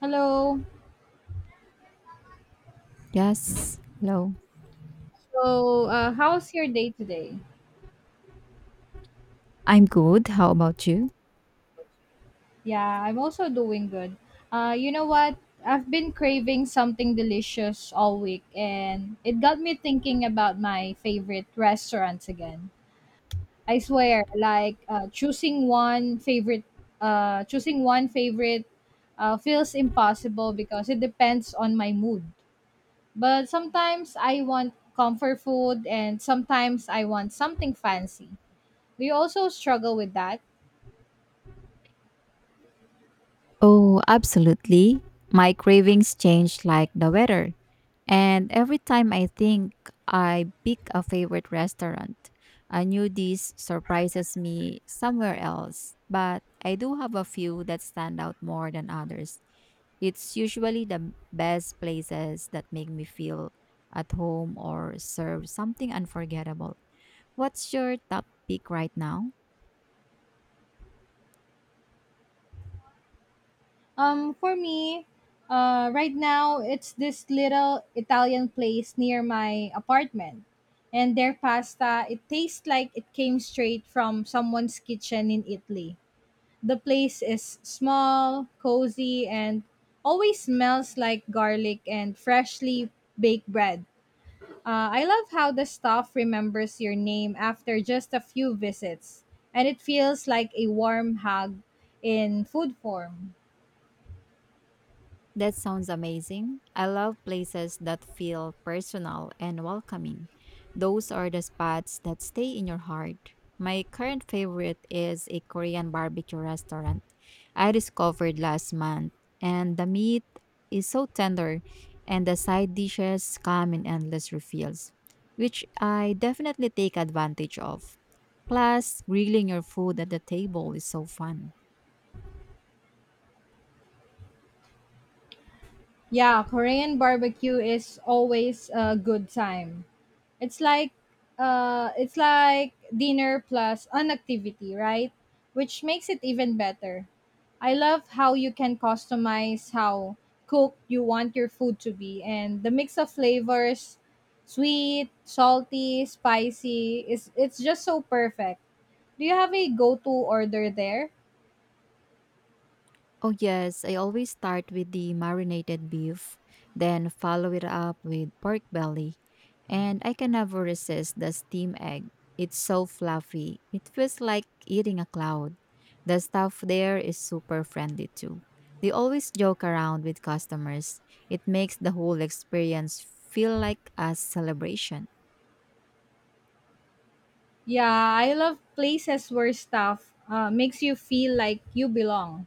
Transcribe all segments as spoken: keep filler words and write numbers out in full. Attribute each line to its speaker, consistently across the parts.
Speaker 1: Hello.
Speaker 2: Yes. Hello.
Speaker 1: So, uh, how's your day today?
Speaker 2: I'm good. How about you?
Speaker 1: Yeah, I'm also doing good. Uh, you know what? I've been craving something delicious all week, and it got me thinking about my favorite restaurants again. I swear, like uh, choosing one favorite, uh, choosing one favorite, uh, feels impossible because it depends on my mood. But sometimes I want comfort food, and sometimes I want something fancy. Do you also struggle with that?
Speaker 2: Oh, absolutely. My cravings change like the weather. And every time I think I pick a favorite restaurant, a new dish surprises me somewhere else. But I do have a few that stand out more than others. It's usually the best places that make me feel at home or serve something unforgettable. What's your top pick right now?
Speaker 1: Um, for me, uh, right now it's this little Italian place near my apartment, and their pasta it tastes like it came straight from someone's kitchen in Italy. The place is small, cozy, and always smells like garlic and freshly baked bread. Uh, I love how the staff remembers your name after just a few visits, and it feels like a warm hug in food form.
Speaker 2: That sounds amazing. I love places that feel personal and welcoming. Those are the spots that stay in your heart. My current favorite is a Korean barbecue restaurant I discovered last month, and the meat is so tender, and the side dishes come in endless refills, which I definitely take advantage of. Plus, grilling your food at the table is so fun.
Speaker 1: Yeah, Korean barbecue is always a good time. It's like uh it's like dinner plus an activity, right? Which makes it even better. I love how you can customize how cooked you want your food to be and the mix of flavors, sweet, salty, spicy is it's just so perfect. Do you have a go-to order there?
Speaker 2: Oh, yes. I always start with the marinated beef, then follow it up with pork belly. And I can never resist the steam egg. It's so fluffy. It feels like eating a cloud. The staff there is super friendly too. They always joke around with customers. It makes the whole experience feel like a celebration.
Speaker 1: Yeah, I love places where stuff uh, makes you feel like you belong.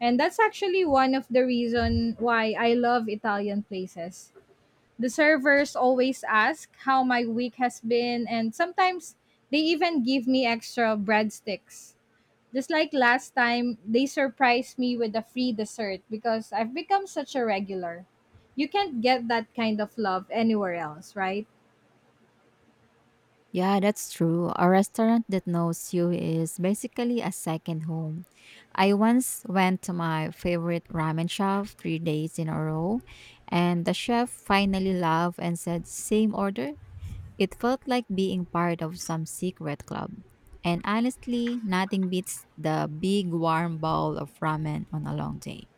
Speaker 1: And that's actually one of the reason why I love Italian places. The servers always ask how my week has been and sometimes they even give me extra breadsticks. Just like last time, they surprised me with a free dessert because I've become such a regular. You can't get that kind of love anywhere else, right?
Speaker 2: Yeah, that's true. A restaurant that knows you is basically a second home. I once went to my favorite ramen shop three days in a row, and the chef finally laughed and said, Same order? It felt like being part of some secret club. And honestly, nothing beats the big warm bowl of ramen on a long day.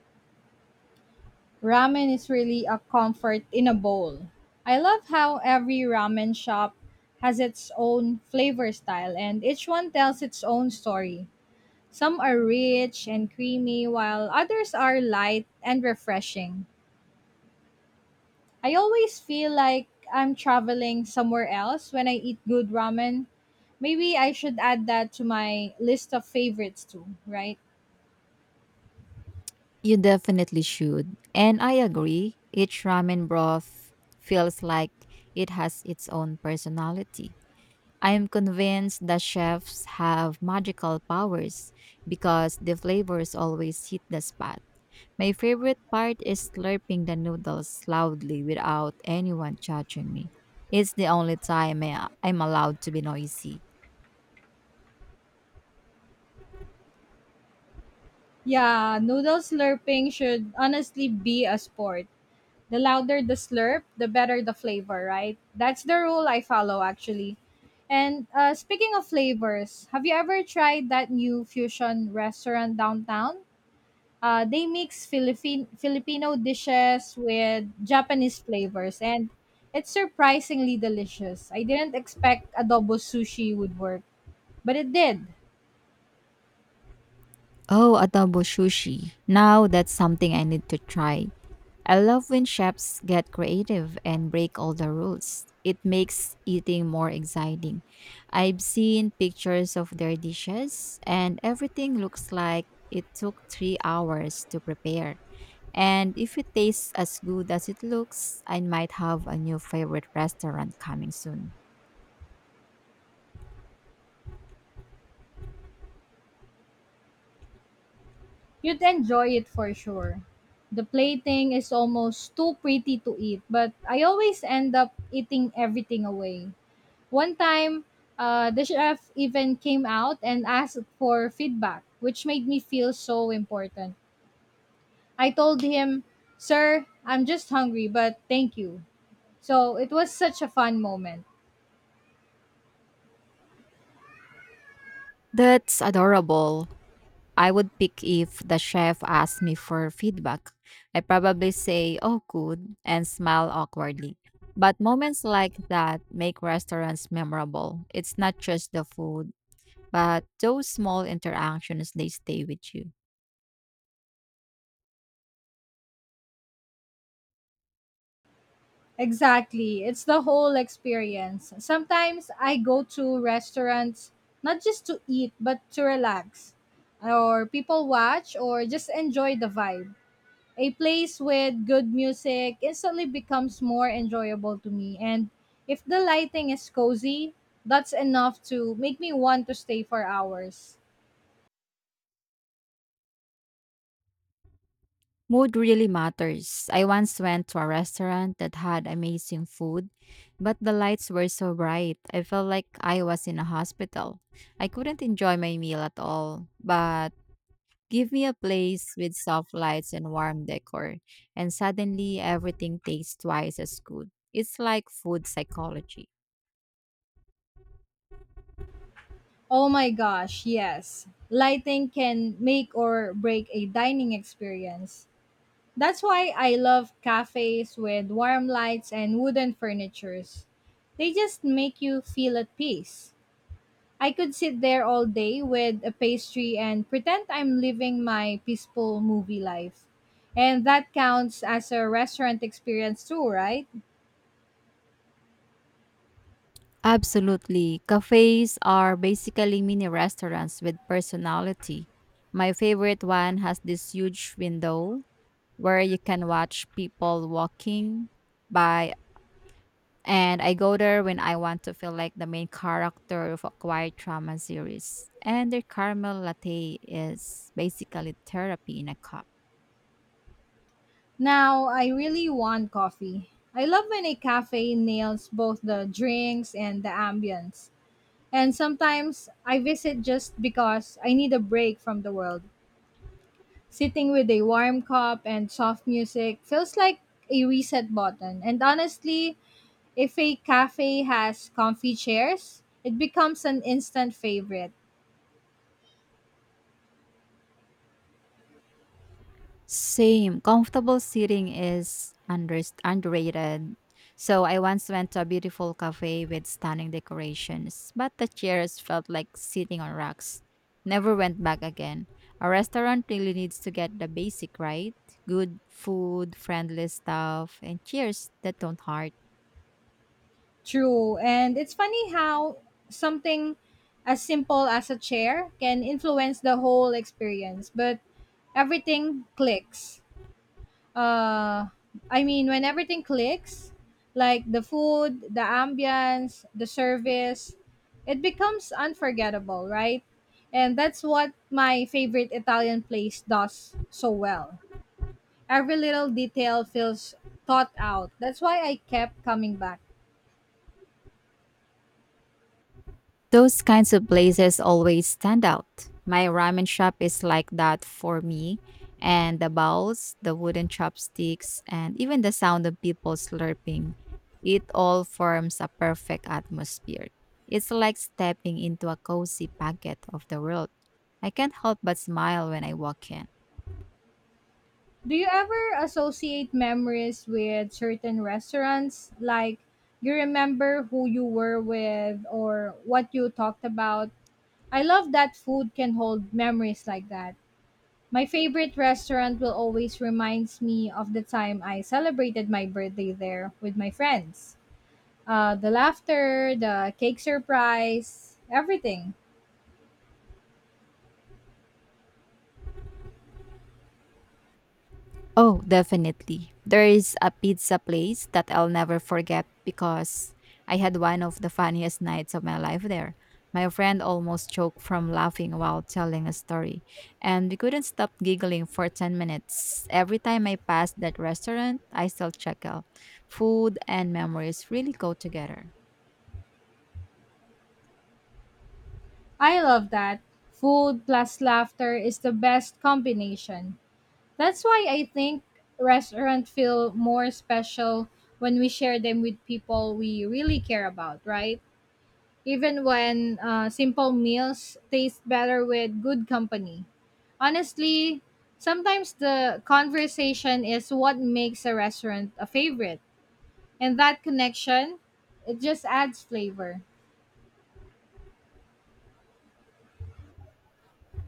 Speaker 1: Ramen is really a comfort in a bowl. I love how every ramen shop has its own flavor style and each one tells its own story. Some are rich and creamy while others are light and refreshing. I always feel like I'm traveling somewhere else when I eat good ramen. Maybe I should add that to my list of favorites too, right?
Speaker 2: You definitely should. And I agree, each ramen broth feels like it has its own personality. I am convinced that chefs have magical powers because the flavors always hit the spot. My favorite part is slurping the noodles loudly without anyone judging me. It's the only time I- I'm allowed to be noisy.
Speaker 1: Yeah, noodle slurping should honestly be a sport. The louder the slurp, the better the flavor, right? That's the rule I follow actually. And uh, speaking of flavors, have you ever tried that new fusion restaurant downtown? Uh, they mix Philippine Filipino dishes with Japanese flavors, and it's surprisingly delicious. I didn't expect adobo sushi would work, but it did.
Speaker 2: Oh, adobo sushi. Now that's something I need to try. I love when chefs get creative and break all the rules. It makes eating more exciting. I've seen pictures of their dishes, and everything looks like it took three hours to prepare. And if it tastes as good as it looks, I might have a new favorite restaurant coming soon.
Speaker 1: You'd enjoy it for sure. The plating is almost too pretty to eat, but I always end up eating everything away. One time, uh, the chef even came out and asked for feedback, which made me feel so important. I told him, "Sir, I'm just hungry, but thank you." So it was such a fun moment.
Speaker 2: That's adorable. I would pick if the chef asked me for feedback. I probably say, oh, good, and smile awkwardly. But moments like that make restaurants memorable. It's not just the food, but those small interactions, they stay with you.
Speaker 1: Exactly. It's the whole experience. Sometimes I go to restaurants not just to eat, but to relax, or people watch, or just enjoy the vibe. A place with good music instantly becomes more enjoyable to me. And if the lighting is cozy, that's enough to make me want to stay for hours.
Speaker 2: Mood really matters. I once went to a restaurant that had amazing food, but the lights were so bright. I felt like I was in a hospital. I couldn't enjoy my meal at all, but give me a place with soft lights and warm decor, and suddenly everything tastes twice as good. It's like food psychology.
Speaker 1: Oh my gosh, yes. Lighting can make or break a dining experience. That's why I love cafes with warm lights and wooden furnitures. They just make you feel at peace. I could sit there all day with a pastry and pretend I'm living my peaceful movie life. And that counts as a restaurant experience too, right?
Speaker 2: Absolutely. Cafes are basically mini restaurants with personality. My favorite one has this huge window where you can watch people walking by, and I go there when I want to feel like the main character of a quiet drama series. And their caramel latte is basically therapy in a cup.
Speaker 1: Now, I really want coffee. I love when a cafe nails both the drinks and the ambience. And sometimes I visit just because I need a break from the world. Sitting with a warm cup and soft music feels like a reset button. And honestly, if a cafe has comfy chairs, it becomes an instant favorite.
Speaker 2: Same. Comfortable seating is under- underrated. So I once went to a beautiful cafe with stunning decorations, but the chairs felt like sitting on rocks. Never went back again. A restaurant really needs to get the basic right: good food, friendly staff, and chairs that don't hurt.
Speaker 1: True. And it's funny how something as simple as a chair can influence the whole experience, but everything clicks. uh I mean when everything clicks, like the food, the ambience, the service, it becomes unforgettable, right? And that's what my favorite Italian place does so well. Every little detail feels thought out. That's why I kept coming back.
Speaker 2: Those kinds of places always stand out. My ramen shop is like that for me, and the bowls, the wooden chopsticks, and even the sound of people slurping, it all forms a perfect atmosphere. It's like stepping into a cozy pocket of the world. I can't help but smile when I walk in.
Speaker 1: Do you ever associate memories with certain restaurants? Like you remember who you were with or what you talked about? I love that food can hold memories like that. My favorite restaurant will always reminds me of the time I celebrated my birthday there with my friends. Uh, the laughter, the cake surprise, everything.
Speaker 2: Oh, definitely. There is a pizza place that I'll never forget because I had one of the funniest nights of my life there. My friend almost choked from laughing while telling a story, and we couldn't stop giggling for ten minutes. Every time I pass that restaurant, I still chuckle. Food and memories really go together.
Speaker 1: I love that. Food plus laughter is the best combination. That's why I think restaurants feel more special when we share them with people we really care about, right? Even when uh, simple meals taste better with good company. Honestly, sometimes the conversation is what makes a restaurant a favorite, and that connection, it just adds flavor.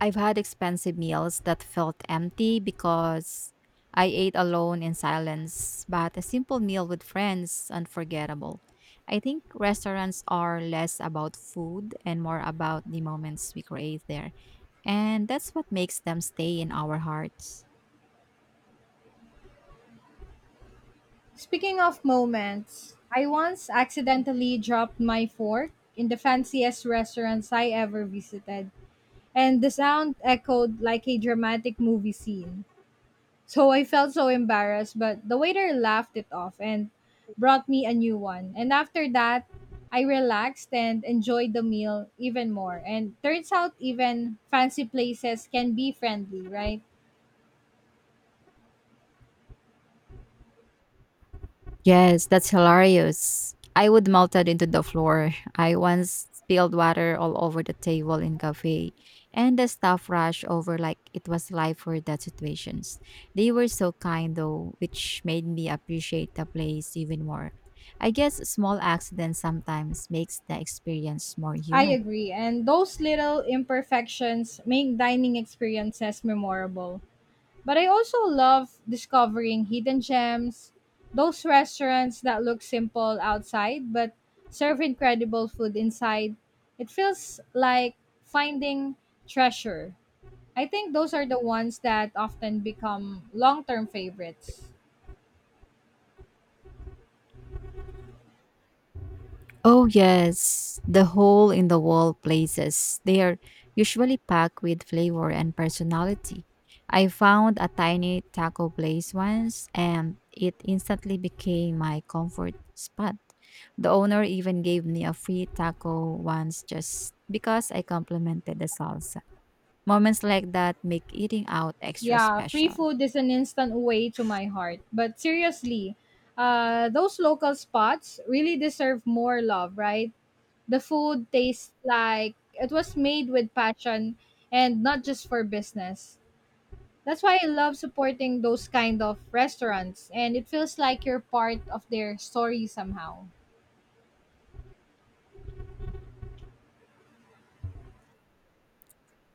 Speaker 2: I've had expensive meals that felt empty because I ate alone in silence, but a simple meal with friends unforgettable. I think restaurants are less about food and more about the moments we create there, and that's what makes them stay in our hearts.
Speaker 1: Speaking of moments, I once accidentally dropped my fork in the fanciest restaurants I ever visited, and the sound echoed like a dramatic movie scene. So I felt so embarrassed, but the waiter laughed it off and brought me a new one. And after that, I relaxed and enjoyed the meal even more. And turns out, even fancy places can be friendly, right?
Speaker 2: Yes, that's hilarious. I would melt it into the floor. I once spilled water all over the table in cafe, and the staff rushed over like it was life or death situations. They were so kind though, which made me appreciate the place even more. I guess small accidents sometimes makes the experience more
Speaker 1: I
Speaker 2: human.
Speaker 1: agree. And those little imperfections make dining experiences memorable. But I also love discovering hidden gems, those restaurants that look simple outside but serve incredible food inside. It feels like finding treasure. I think those are the ones that often become long term favorites.
Speaker 2: Oh, yes, the hole in the wall places. They are usually packed with flavor and personality. I found a tiny taco place once and it instantly became my comfort spot. The owner even gave me a free taco once just because I complimented the salsa. Moments like that make eating out extra
Speaker 1: Yeah, free
Speaker 2: special.
Speaker 1: food is an instant way to my heart. But seriously, uh, those local spots really deserve more love, right? The food tastes like it was made with passion and not just for business. That's why I love supporting those kind of restaurants and it feels like you're part of their story somehow.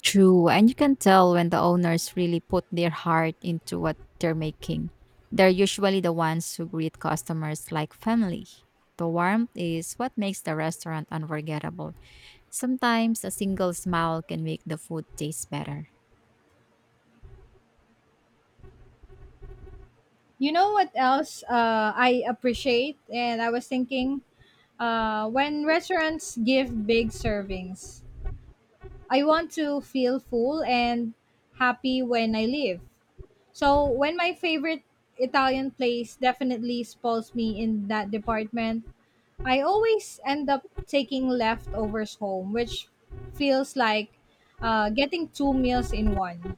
Speaker 2: True, and you can tell when the owners really put their heart into what they're making. They're usually the ones who greet customers like family. The warmth is what makes the restaurant unforgettable. Sometimes a single smile can make the food taste better.
Speaker 1: You know what else uh, I appreciate and I was thinking uh, when restaurants give big servings. I want to feel full and happy when I leave. So when my favorite Italian place definitely spoils me in that department, I always end up taking leftovers home, which feels like uh, getting two meals in one.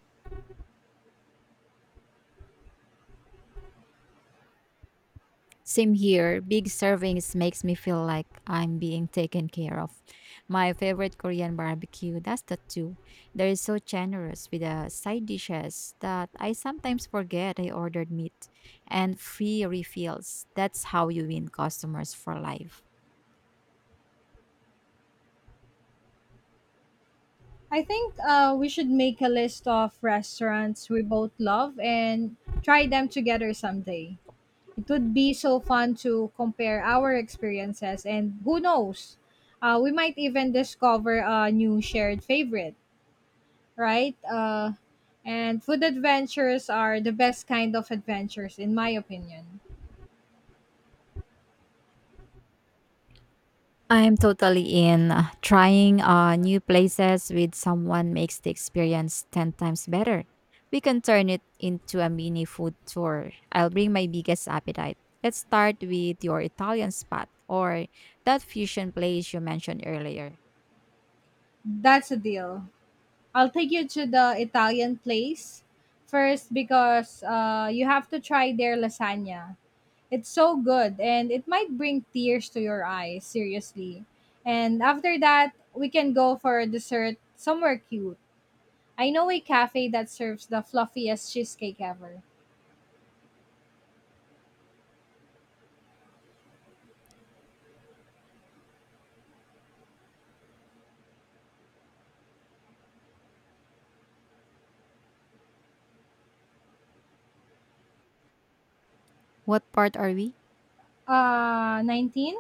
Speaker 2: Same here. Big servings makes me feel like I'm being taken care of. My favorite Korean barbecue does that too. They're so generous with the side dishes that I sometimes forget I ordered meat and free refills. That's how you win customers for life.
Speaker 1: I think uh, we should make a list of restaurants we both love and try them together someday. It would be so fun to compare our experiences, and who knows, uh, we might even discover a new shared favorite, right? Uh, and food adventures are the best kind of adventures, in my opinion.
Speaker 2: I'm totally in. Uh, Trying uh, new places with someone makes the experience ten times better. We can turn it into a mini food tour. I'll bring my biggest appetite. Let's start with your Italian spot or that fusion place you mentioned earlier.
Speaker 1: That's a deal. I'll take you to the Italian place first because uh, you have to try their lasagna. It's so good and it might bring tears to your eyes, seriously. And after that, we can go for a dessert somewhere cute. I know a cafe that serves the fluffiest cheesecake ever.
Speaker 2: What part are we?
Speaker 1: Uh, nineteen.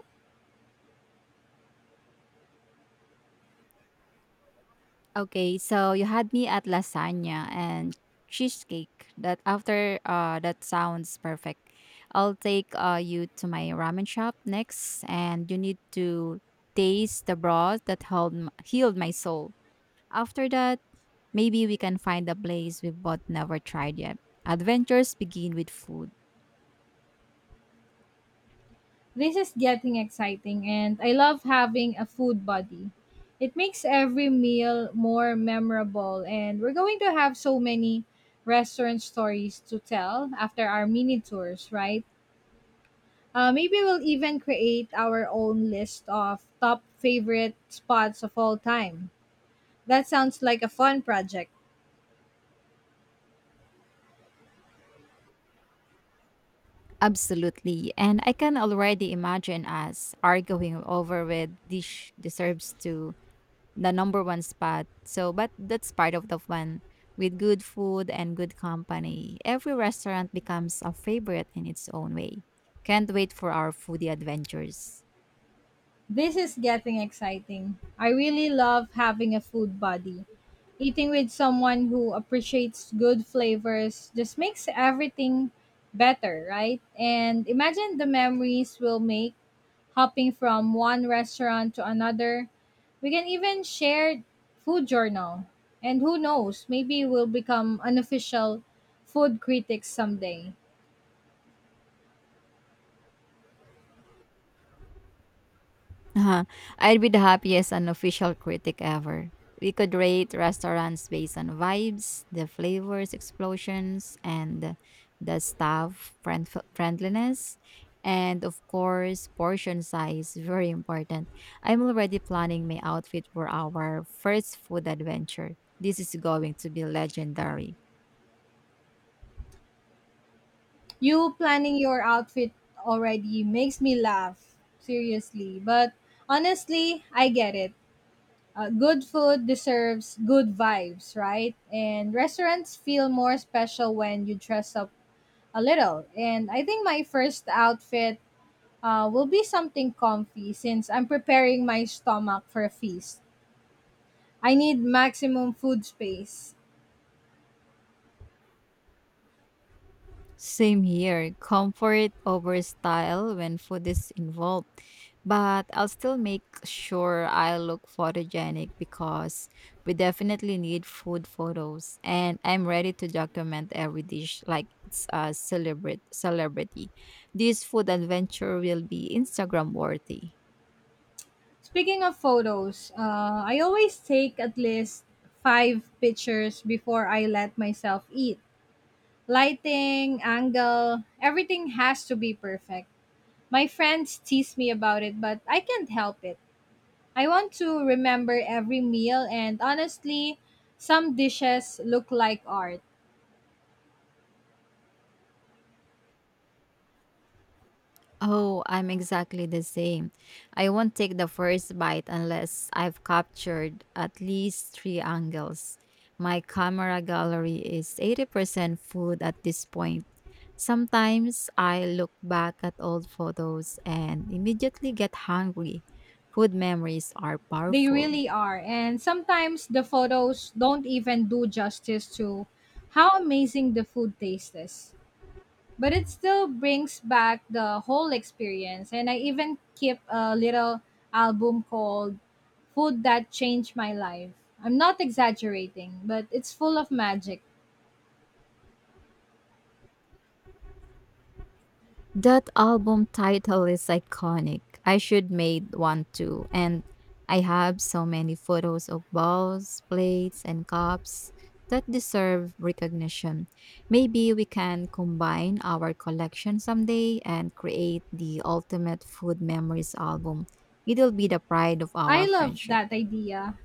Speaker 2: Okay, so you had me at lasagna and cheesecake. That after uh that sounds perfect. I'll take uh you to my ramen shop next and you need to taste the broth that held m- healed my soul. After that, maybe we can find a place we've both never tried yet. Adventures begin with food.
Speaker 1: This is getting exciting, and I love having a food buddy. It makes every meal more memorable, and we're going to have so many restaurant stories to tell after our mini tours, right? Uh, maybe we'll even create our own list of top favorite spots of all time. That sounds like a fun project.
Speaker 2: Absolutely. And I can already imagine us arguing over which dish deserves to the number one spot. So, but that's part of the fun. With good food and good company, every restaurant becomes a favorite in its own way. Can't wait for our foodie adventures.
Speaker 1: This is getting exciting. I really love having a food buddy. Eating with someone who appreciates good flavors just makes everything better, right? And imagine the memories we'll make hopping from one restaurant to another. We can even share food journal. And who knows, maybe we'll become unofficial food critics someday.
Speaker 2: Uh-huh. I'd be the happiest unofficial critic ever. We could rate restaurants based on vibes, the flavors, explosions, and the staff friend- friendliness. And of course, portion size, very important. I'm already planning my outfit for our first food adventure. This is going to be legendary.
Speaker 1: You planning your outfit already makes me laugh, seriously. But honestly, I get it. Uh, good food deserves good vibes, right? And restaurants feel more special when you dress up a little. And I think my first outfit uh, will be something comfy since I'm preparing my stomach for a feast. I need maximum food space.
Speaker 2: Same here. Comfort over style when food is involved. But I'll still make sure I look photogenic because we definitely need food photos and I'm ready to document every dish like it's a celebrate celebrity. This food adventure will be Instagram worthy.
Speaker 1: Speaking of photos, uh, I always take at least five pictures before I let myself eat. Lighting, angle, everything has to be perfect. My friends tease me about it, but I can't help it. I want to remember every meal, and honestly, some dishes look like art.
Speaker 2: Oh, I'm exactly the same. I won't take the first bite unless I've captured at least three angles. My camera gallery is eighty percent food at this point. Sometimes I look back at old photos and immediately get hungry. Food memories are
Speaker 1: They
Speaker 2: powerful.
Speaker 1: really are. And sometimes the photos don't even do justice to how amazing the food tastes. But it still brings back the whole experience. And I even keep a little album called "Food That Changed My Life." I'm not exaggerating, but it's full of magic.
Speaker 2: That album title is iconic. I should made one too. And I have so many photos of bowls, plates, and cups that deserve recognition. Maybe we can combine our collection someday and create the ultimate food memories album. It'll be the pride of
Speaker 1: I
Speaker 2: our
Speaker 1: love
Speaker 2: friendship.
Speaker 1: that idea.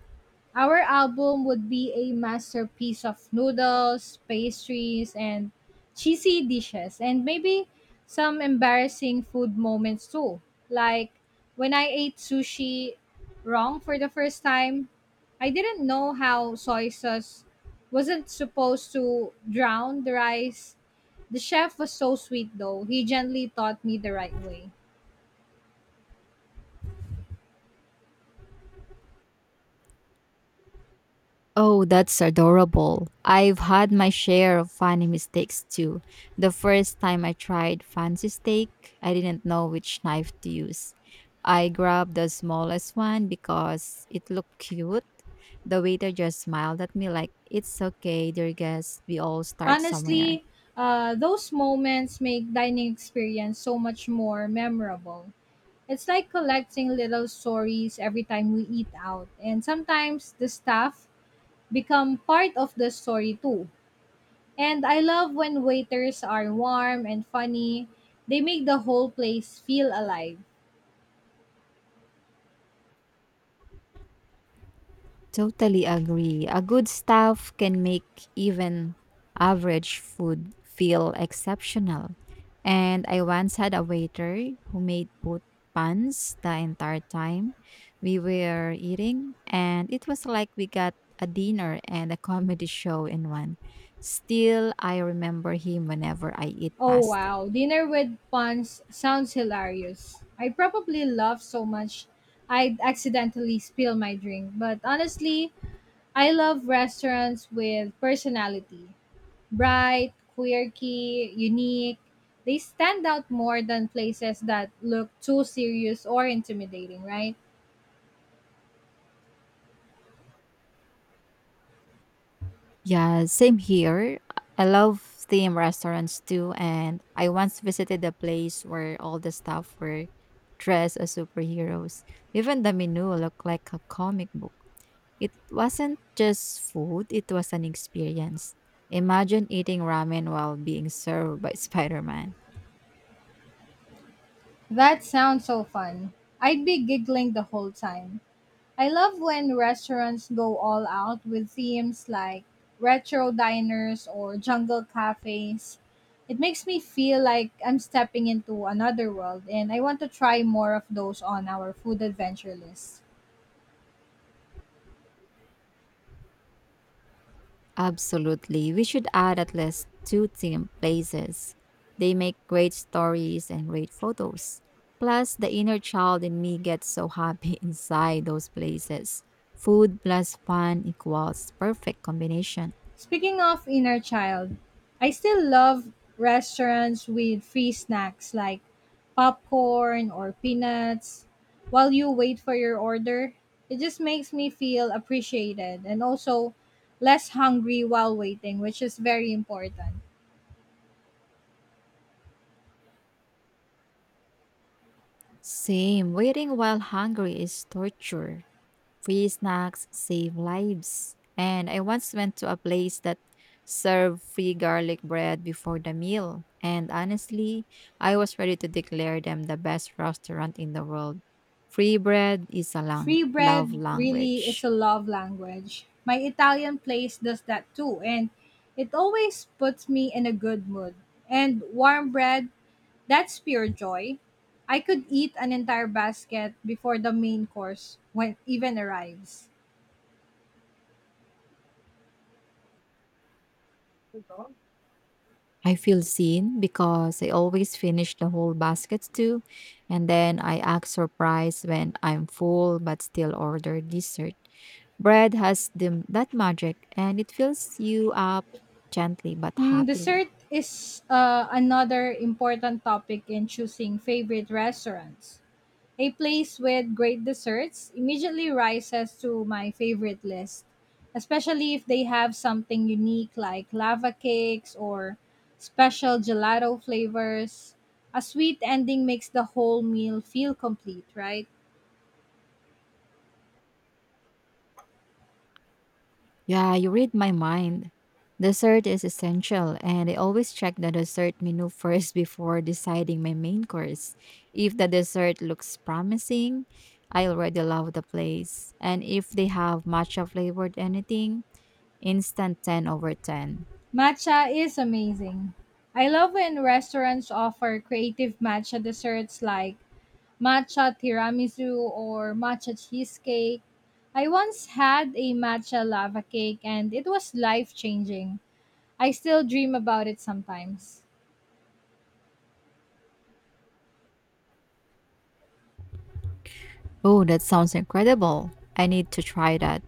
Speaker 1: Our album would be a masterpiece of noodles, pastries, and cheesy dishes, and maybe some embarrassing food moments too. Like when I ate sushi wrong for the first time, I didn't know how soy sauce wasn't supposed to drown the rice. The chef was so sweet though, he gently taught me the right way.
Speaker 2: Oh, that's adorable. I've had my share of funny mistakes too. The first time I tried fancy steak, I didn't know which knife to use. I grabbed the smallest one because it looked cute. The waiter just smiled at me like, It's okay, dear guest. We all start somewhere.
Speaker 1: Honestly, uh, those moments make dining experience so much more memorable. It's like collecting little stories every time we eat out, and sometimes the staff become part of the story too. And I love when waiters are warm and funny. They make the whole place feel alive.
Speaker 2: Totally agree. A good staff can make even average food feel exceptional. And I once had a waiter who made both puns the entire time we were eating, and it was like we got a dinner and a comedy show in one. Still, I remember him whenever I eat
Speaker 1: Oh
Speaker 2: pasta.
Speaker 1: wow, dinner with puns sounds hilarious. I probably laugh so much I'd accidentally spill my drink, but honestly, I love restaurants with personality. Bright, quirky, unique. They stand out more than places that look too serious or intimidating, right?
Speaker 2: Yeah, same here. I love theme restaurants too, and I once visited a place where all the staff were dressed as superheroes. Even the menu looked like a comic book. It wasn't just food, it was an experience. Imagine eating ramen while being served by Spider Man.
Speaker 1: That sounds so fun. I'd be giggling the whole time. I love when restaurants go all out with themes like retro diners or jungle cafes. It makes me feel like I'm stepping into another world, and I want to try more of those on our food adventure list.
Speaker 2: Absolutely. We should add at least two theme places. They make great stories and great photos. Plus, the inner child in me gets so happy inside those places. Food plus fun equals perfect combination.
Speaker 1: Speaking of inner child, I still love restaurants with free snacks like popcorn or peanuts while you wait for your order. It just makes me feel appreciated and also less hungry while waiting, which is very important.
Speaker 2: Same. Waiting while hungry is torture. Free snacks save lives. And I once went to a place that served free garlic bread before the meal. And honestly, I was ready to declare them the best restaurant in the world. Free bread is a lang-
Speaker 1: Free
Speaker 2: love
Speaker 1: bread really is a
Speaker 2: language.
Speaker 1: love language. My Italian place does that too, and it always puts me in a good mood. And warm bread, that's pure joy. I could eat an entire basket before the main course when even arrives.
Speaker 2: I feel seen because I always finish the whole basket too, and then I act surprised when I'm full but still order dessert. Bread has the, that magic and it fills you up gently but
Speaker 1: Mm,
Speaker 2: happily.
Speaker 1: dessert is uh, another important topic in choosing favorite restaurants. A place with great desserts immediately rises to my favorite list, especially if they have something unique like lava cakes or special gelato flavors. A sweet ending makes the whole meal feel complete, right?
Speaker 2: Yeah, you read my mind. Dessert is essential, and I always check the dessert menu first before deciding my main course. If the dessert looks promising, I already love the place. And if they have matcha flavored anything, instant ten over ten.
Speaker 1: Matcha is amazing. I love when restaurants offer creative matcha desserts like matcha tiramisu or matcha cheesecake. I once had a matcha lava cake and it was life changing. I still dream about it sometimes.
Speaker 2: Oh, that sounds incredible. I need to try that.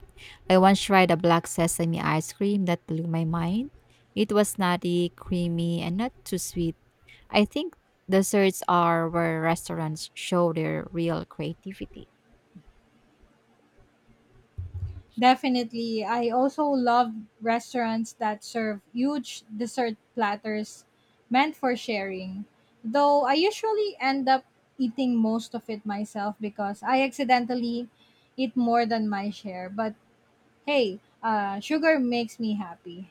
Speaker 2: I once tried a black sesame ice cream that blew my mind. It was nutty, creamy, and not too sweet. I think desserts are where restaurants show their real creativity.
Speaker 1: Definitely. I also love restaurants that serve huge dessert platters meant for sharing. Though I usually end up eating most of it myself because I accidentally eat more than my share. But hey, uh, sugar makes me happy.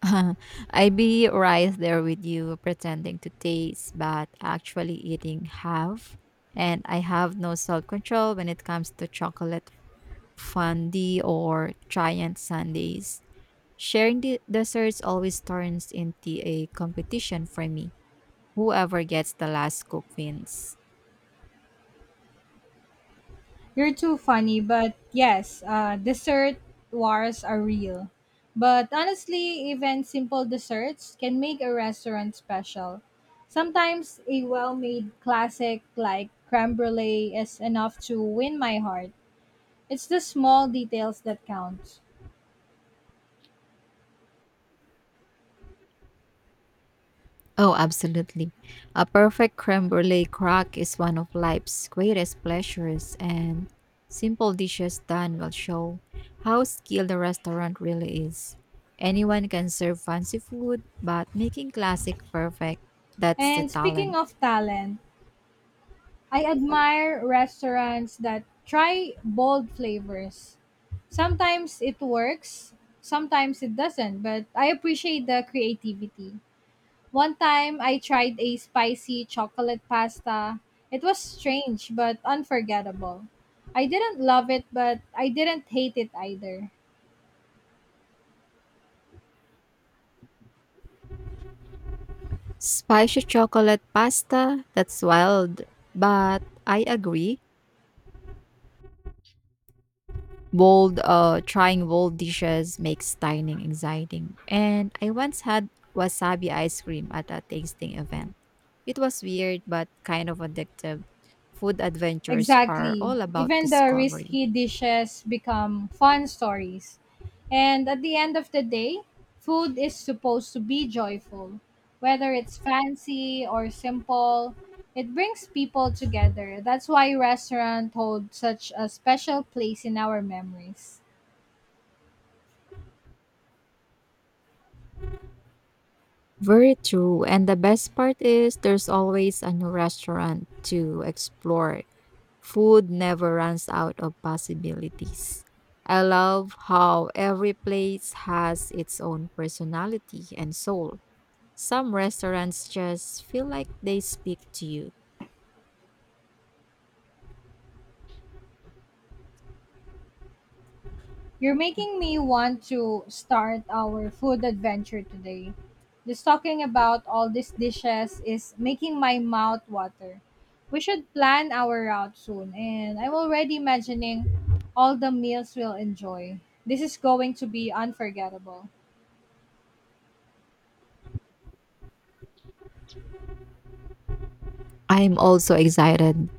Speaker 2: I be right there with you, pretending to taste, but actually eating half. And I have no self control when it comes to chocolate fondue or giant sundaes. Sharing the desserts always turns into a competition for me. Whoever gets the last scoop wins.
Speaker 1: You're too funny, but yes, uh, dessert wars are real. But honestly, even simple desserts can make a restaurant special. Sometimes a well made classic like creme brulee is enough to win my heart. It's the small details that count.
Speaker 2: Oh, absolutely. A perfect creme brulee crack is one of life's greatest pleasures, and simple dishes done will show how skilled a restaurant really is. Anyone can serve fancy food, but making classic perfect, that's the
Speaker 1: And speaking
Speaker 2: talent.
Speaker 1: of talent, I admire restaurants that try bold flavors. Sometimes it works, sometimes it doesn't, but I appreciate the creativity. One time I tried a spicy chocolate pasta. It was strange but unforgettable. I didn't love it, but I didn't hate it either.
Speaker 2: Spicy chocolate pasta, that's wild, but I agree. Bold, uh, trying bold dishes makes dining exciting. And I once had wasabi ice cream at a tasting event. It was weird but kind of addictive. Food adventures are
Speaker 1: Exactly.
Speaker 2: all about
Speaker 1: Even the
Speaker 2: discovery.
Speaker 1: risky dishes become fun stories. And at the end of the day, food is supposed to be joyful. Whether it's fancy or simple, it brings people together. That's why restaurant hold such a special place in our memories.
Speaker 2: Very true. And the best part is there's always a new restaurant to explore. Food never runs out of possibilities. I love how every place has its own personality and soul. Some restaurants just feel like they speak to you.
Speaker 1: You're making me want to start our food adventure today. Just talking about all these dishes is making my mouth water. We should plan our route soon, and I'm already imagining all the meals we'll enjoy. This is going to be unforgettable.
Speaker 2: I'm also excited.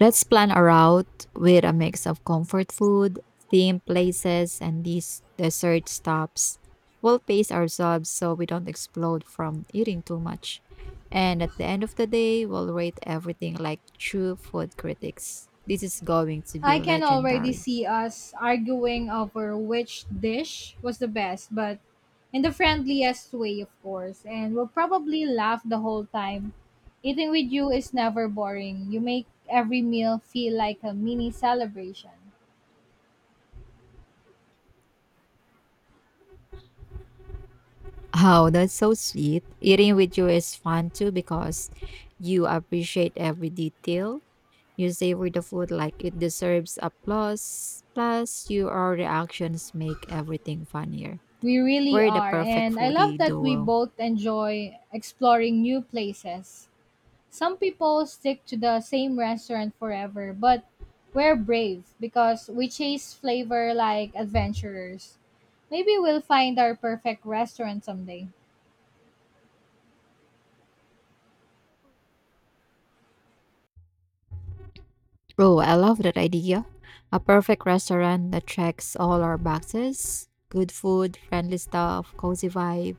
Speaker 2: Let's plan a route with a mix of comfort food, themed places, and these dessert stops. We'll pace ourselves so we don't explode from eating too much. And at the end of the day, we'll rate everything like true food critics. This is going to be
Speaker 1: I can already
Speaker 2: legendary.
Speaker 1: see us arguing over which dish was the best, but in the friendliest way, of course, and we'll probably laugh the whole time. Eating with you is never boring. You make every meal feel like a mini celebration.
Speaker 2: Oh, that's so sweet. Eating with you is fun too because you appreciate every detail. You savor the food like it deserves applause. Plus, your reactions make everything funnier.
Speaker 1: We really
Speaker 2: We're the
Speaker 1: are,
Speaker 2: perfect
Speaker 1: and I love
Speaker 2: foodie
Speaker 1: that we
Speaker 2: duo.
Speaker 1: both enjoy exploring new places. Some people stick to the same restaurant forever, but we're brave because we chase flavor like adventurers. Maybe we'll find our perfect restaurant someday.
Speaker 2: Oh, I love that idea. A perfect restaurant that checks all our boxes: good food, friendly staff, cozy vibe,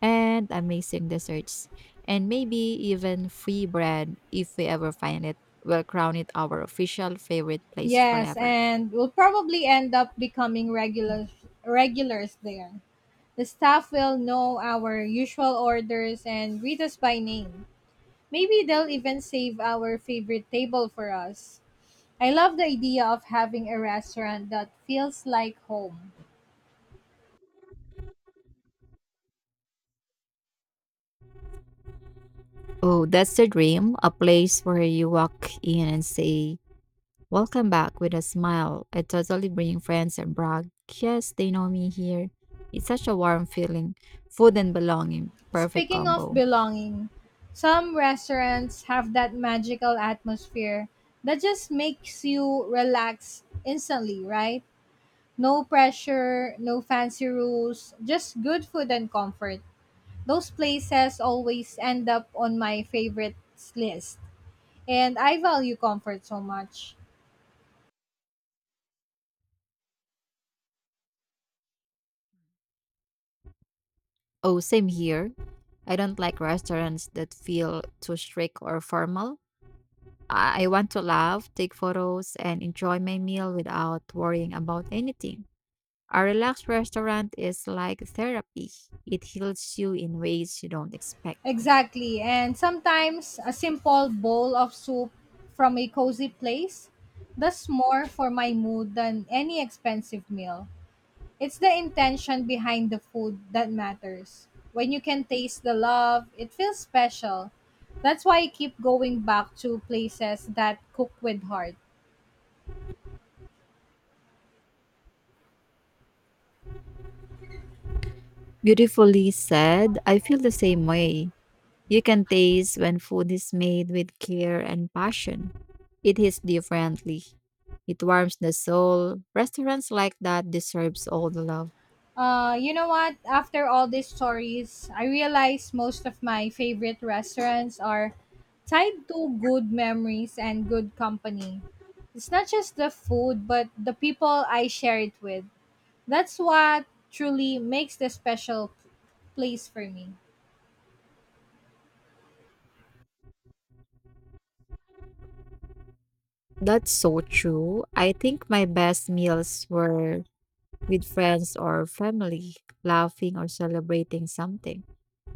Speaker 2: and amazing desserts. And maybe even free bread if we ever find it. We'll crown it our official favorite place
Speaker 1: Yes,
Speaker 2: forever.
Speaker 1: and we'll probably end up becoming regulars regulars there. The staff will know our usual orders and greet us by name. Maybe they'll even save our favorite table for us. I love the idea of having a restaurant that feels like home.
Speaker 2: Oh, that's the dream. A place where you walk in and say, "Welcome back" with a smile. I totally bring friends and brag, "Yes, they know me here." It's such a warm feeling. Food and belonging. Perfect
Speaker 1: Speaking of
Speaker 2: combo.
Speaker 1: belonging, some restaurants have that magical atmosphere that just makes you relax instantly, right? No pressure, no fancy rules, just good food and comfort. Those places always end up on my favorites list. And I value comfort so much.
Speaker 2: Oh, same here. I don't like restaurants that feel too strict or formal. I I want to laugh, take photos, and enjoy my meal without worrying about anything. A relaxed restaurant is like therapy. It heals you in ways you don't expect.
Speaker 1: Exactly. And sometimes a simple bowl of soup from a cozy place does more for my mood than any expensive meal. It's the intention behind the food that matters. When you can taste the love, it feels special. That's why I keep going back to places that cook with heart.
Speaker 2: Beautifully said. I feel the same way. You can taste when food is made with care and passion. It hits differently. It warms the soul. Restaurants like that deserves all the love.
Speaker 1: Uh, you know what? After all these stories, I realize most of my favorite restaurants are tied to good memories and good company. It's not just the food, but the people I share it with. That's what truly makes the special place for me.
Speaker 2: That's so true. I think my best meals were with friends or family, laughing or celebrating something.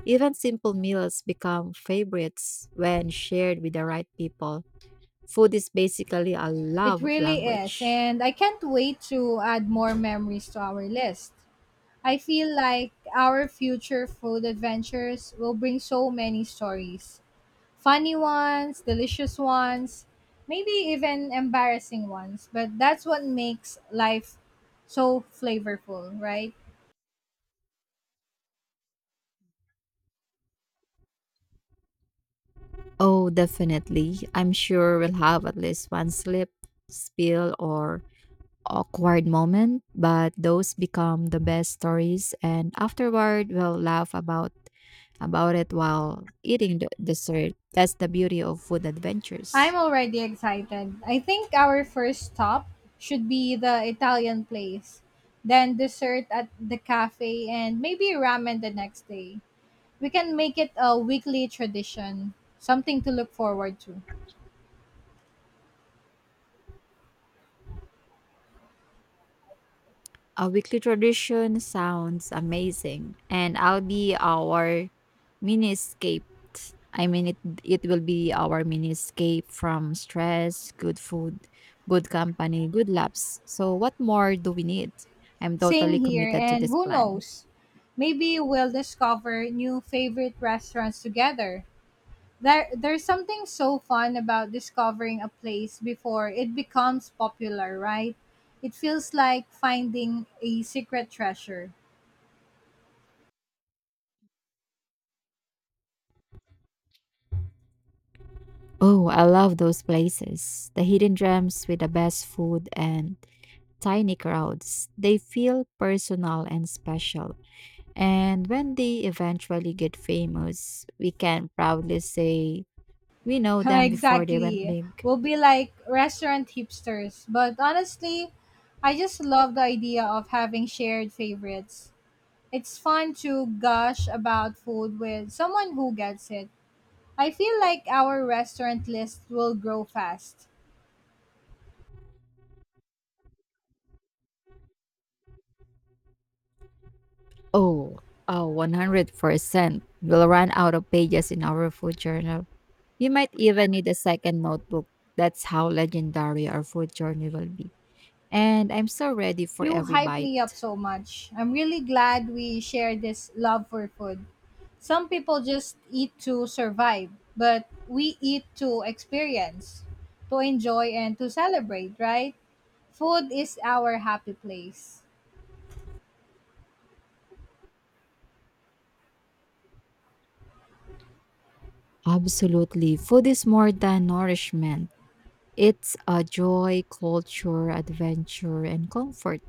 Speaker 2: Even simple meals become favorites when shared with the right people. Food is basically a
Speaker 1: It
Speaker 2: love
Speaker 1: really is.
Speaker 2: language.
Speaker 1: And I can't wait to add more memories to our list. I feel like our future food adventures will bring so many stories, funny ones, delicious ones, maybe even embarrassing ones. But that's what makes life so flavorful, right?
Speaker 2: Oh, definitely. I'm sure we'll have at least one slip, spill, or awkward moment, but those become the best stories, and afterward we'll laugh about about it while eating the dessert. That's the beauty of food adventures.
Speaker 1: I'm already excited. I think our first stop should be the Italian place, then dessert at the cafe, and maybe ramen the next day. We can make it a weekly tradition, something to look forward to.
Speaker 2: A weekly tradition sounds amazing, and I'll be our miniscape. I mean, it it will be our miniscape from stress, good food, good company, good laughs. So, what more do we need? I'm
Speaker 1: Same
Speaker 2: totally
Speaker 1: here,
Speaker 2: committed to
Speaker 1: and
Speaker 2: this
Speaker 1: who
Speaker 2: plan.
Speaker 1: knows? Maybe we'll discover new favorite restaurants together. There, there's something so fun about discovering a place before it becomes popular, right? It feels like finding a secret treasure.
Speaker 2: Oh, I love those places. The hidden gems with the best food and tiny crowds. They feel personal and special. And when they eventually get famous, we can proudly say we know them before they went
Speaker 1: Exactly.
Speaker 2: big.
Speaker 1: We'll be like restaurant hipsters, but honestly, I just love the idea of having shared favorites. It's fun to gush about food with someone who gets it. I feel like our restaurant list will grow fast.
Speaker 2: Oh, oh, one hundred percent. We'll run out of pages in our food journal. You might even need a second notebook. That's how legendary our food journey will be. And I'm so ready for
Speaker 1: You
Speaker 2: every
Speaker 1: hype me up
Speaker 2: bite.
Speaker 1: so much. I'm really glad we share this love for food. Some people just eat to survive, but we eat to experience, to enjoy, and to celebrate, right? Food is our happy place.
Speaker 2: Absolutely. Food is more than nourishment. It's a joy, culture, adventure, and comfort,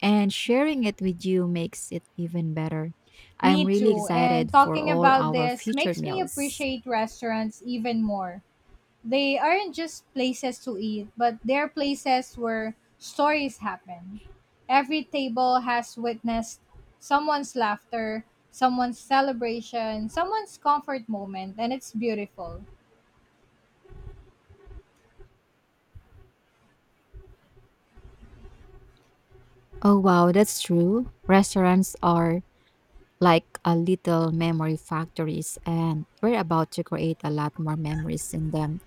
Speaker 2: and sharing it with you makes it even better. I am
Speaker 1: Me
Speaker 2: really
Speaker 1: too. And
Speaker 2: excited for
Speaker 1: talking
Speaker 2: all
Speaker 1: about
Speaker 2: our
Speaker 1: this
Speaker 2: future
Speaker 1: makes me
Speaker 2: meals.
Speaker 1: appreciate restaurants even more. They aren't just places to eat, but they're places where stories happen. Every table has witnessed someone's laughter, someone's celebration, someone's comfort moment, and it's beautiful.
Speaker 2: Oh, wow, that's true. Restaurants are like a little memory factories, and we're about to create a lot more memories in them.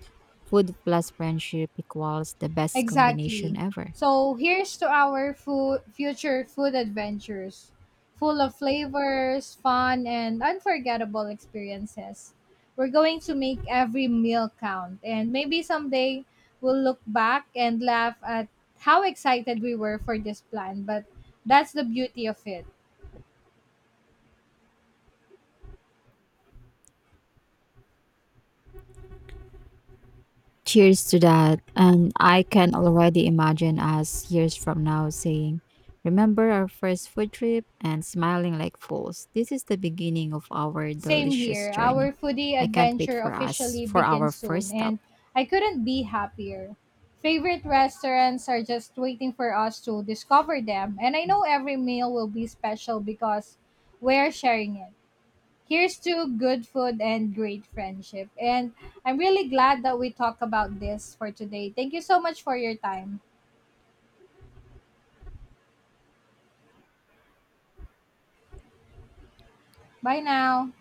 Speaker 2: Food plus friendship equals the best
Speaker 1: Exactly.
Speaker 2: combination ever.
Speaker 1: So here's to our food, future food adventures, full of flavors, fun, and unforgettable experiences. We're going to make every meal count, and maybe someday we'll look back and laugh at how excited we were for this plan, but that's the beauty of it.
Speaker 2: Cheers to that. And I can already imagine us years from now saying, "Remember our first food trip" and smiling like fools. This is the beginning of our
Speaker 1: Same
Speaker 2: delicious
Speaker 1: here.
Speaker 2: journey.
Speaker 1: Our foodie
Speaker 2: I can't wait
Speaker 1: adventure
Speaker 2: for us,
Speaker 1: officially
Speaker 2: for our
Speaker 1: begins
Speaker 2: first
Speaker 1: soon,
Speaker 2: stop.
Speaker 1: and I couldn't be happier. Favorite restaurants are just waiting for us to discover them, and I know every meal will be special because we're sharing it. Here's to good food and great friendship. And I'm really glad that we talked about this for today. Thank you so much for your time. Bye now.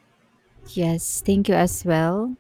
Speaker 2: Yes, thank you as well.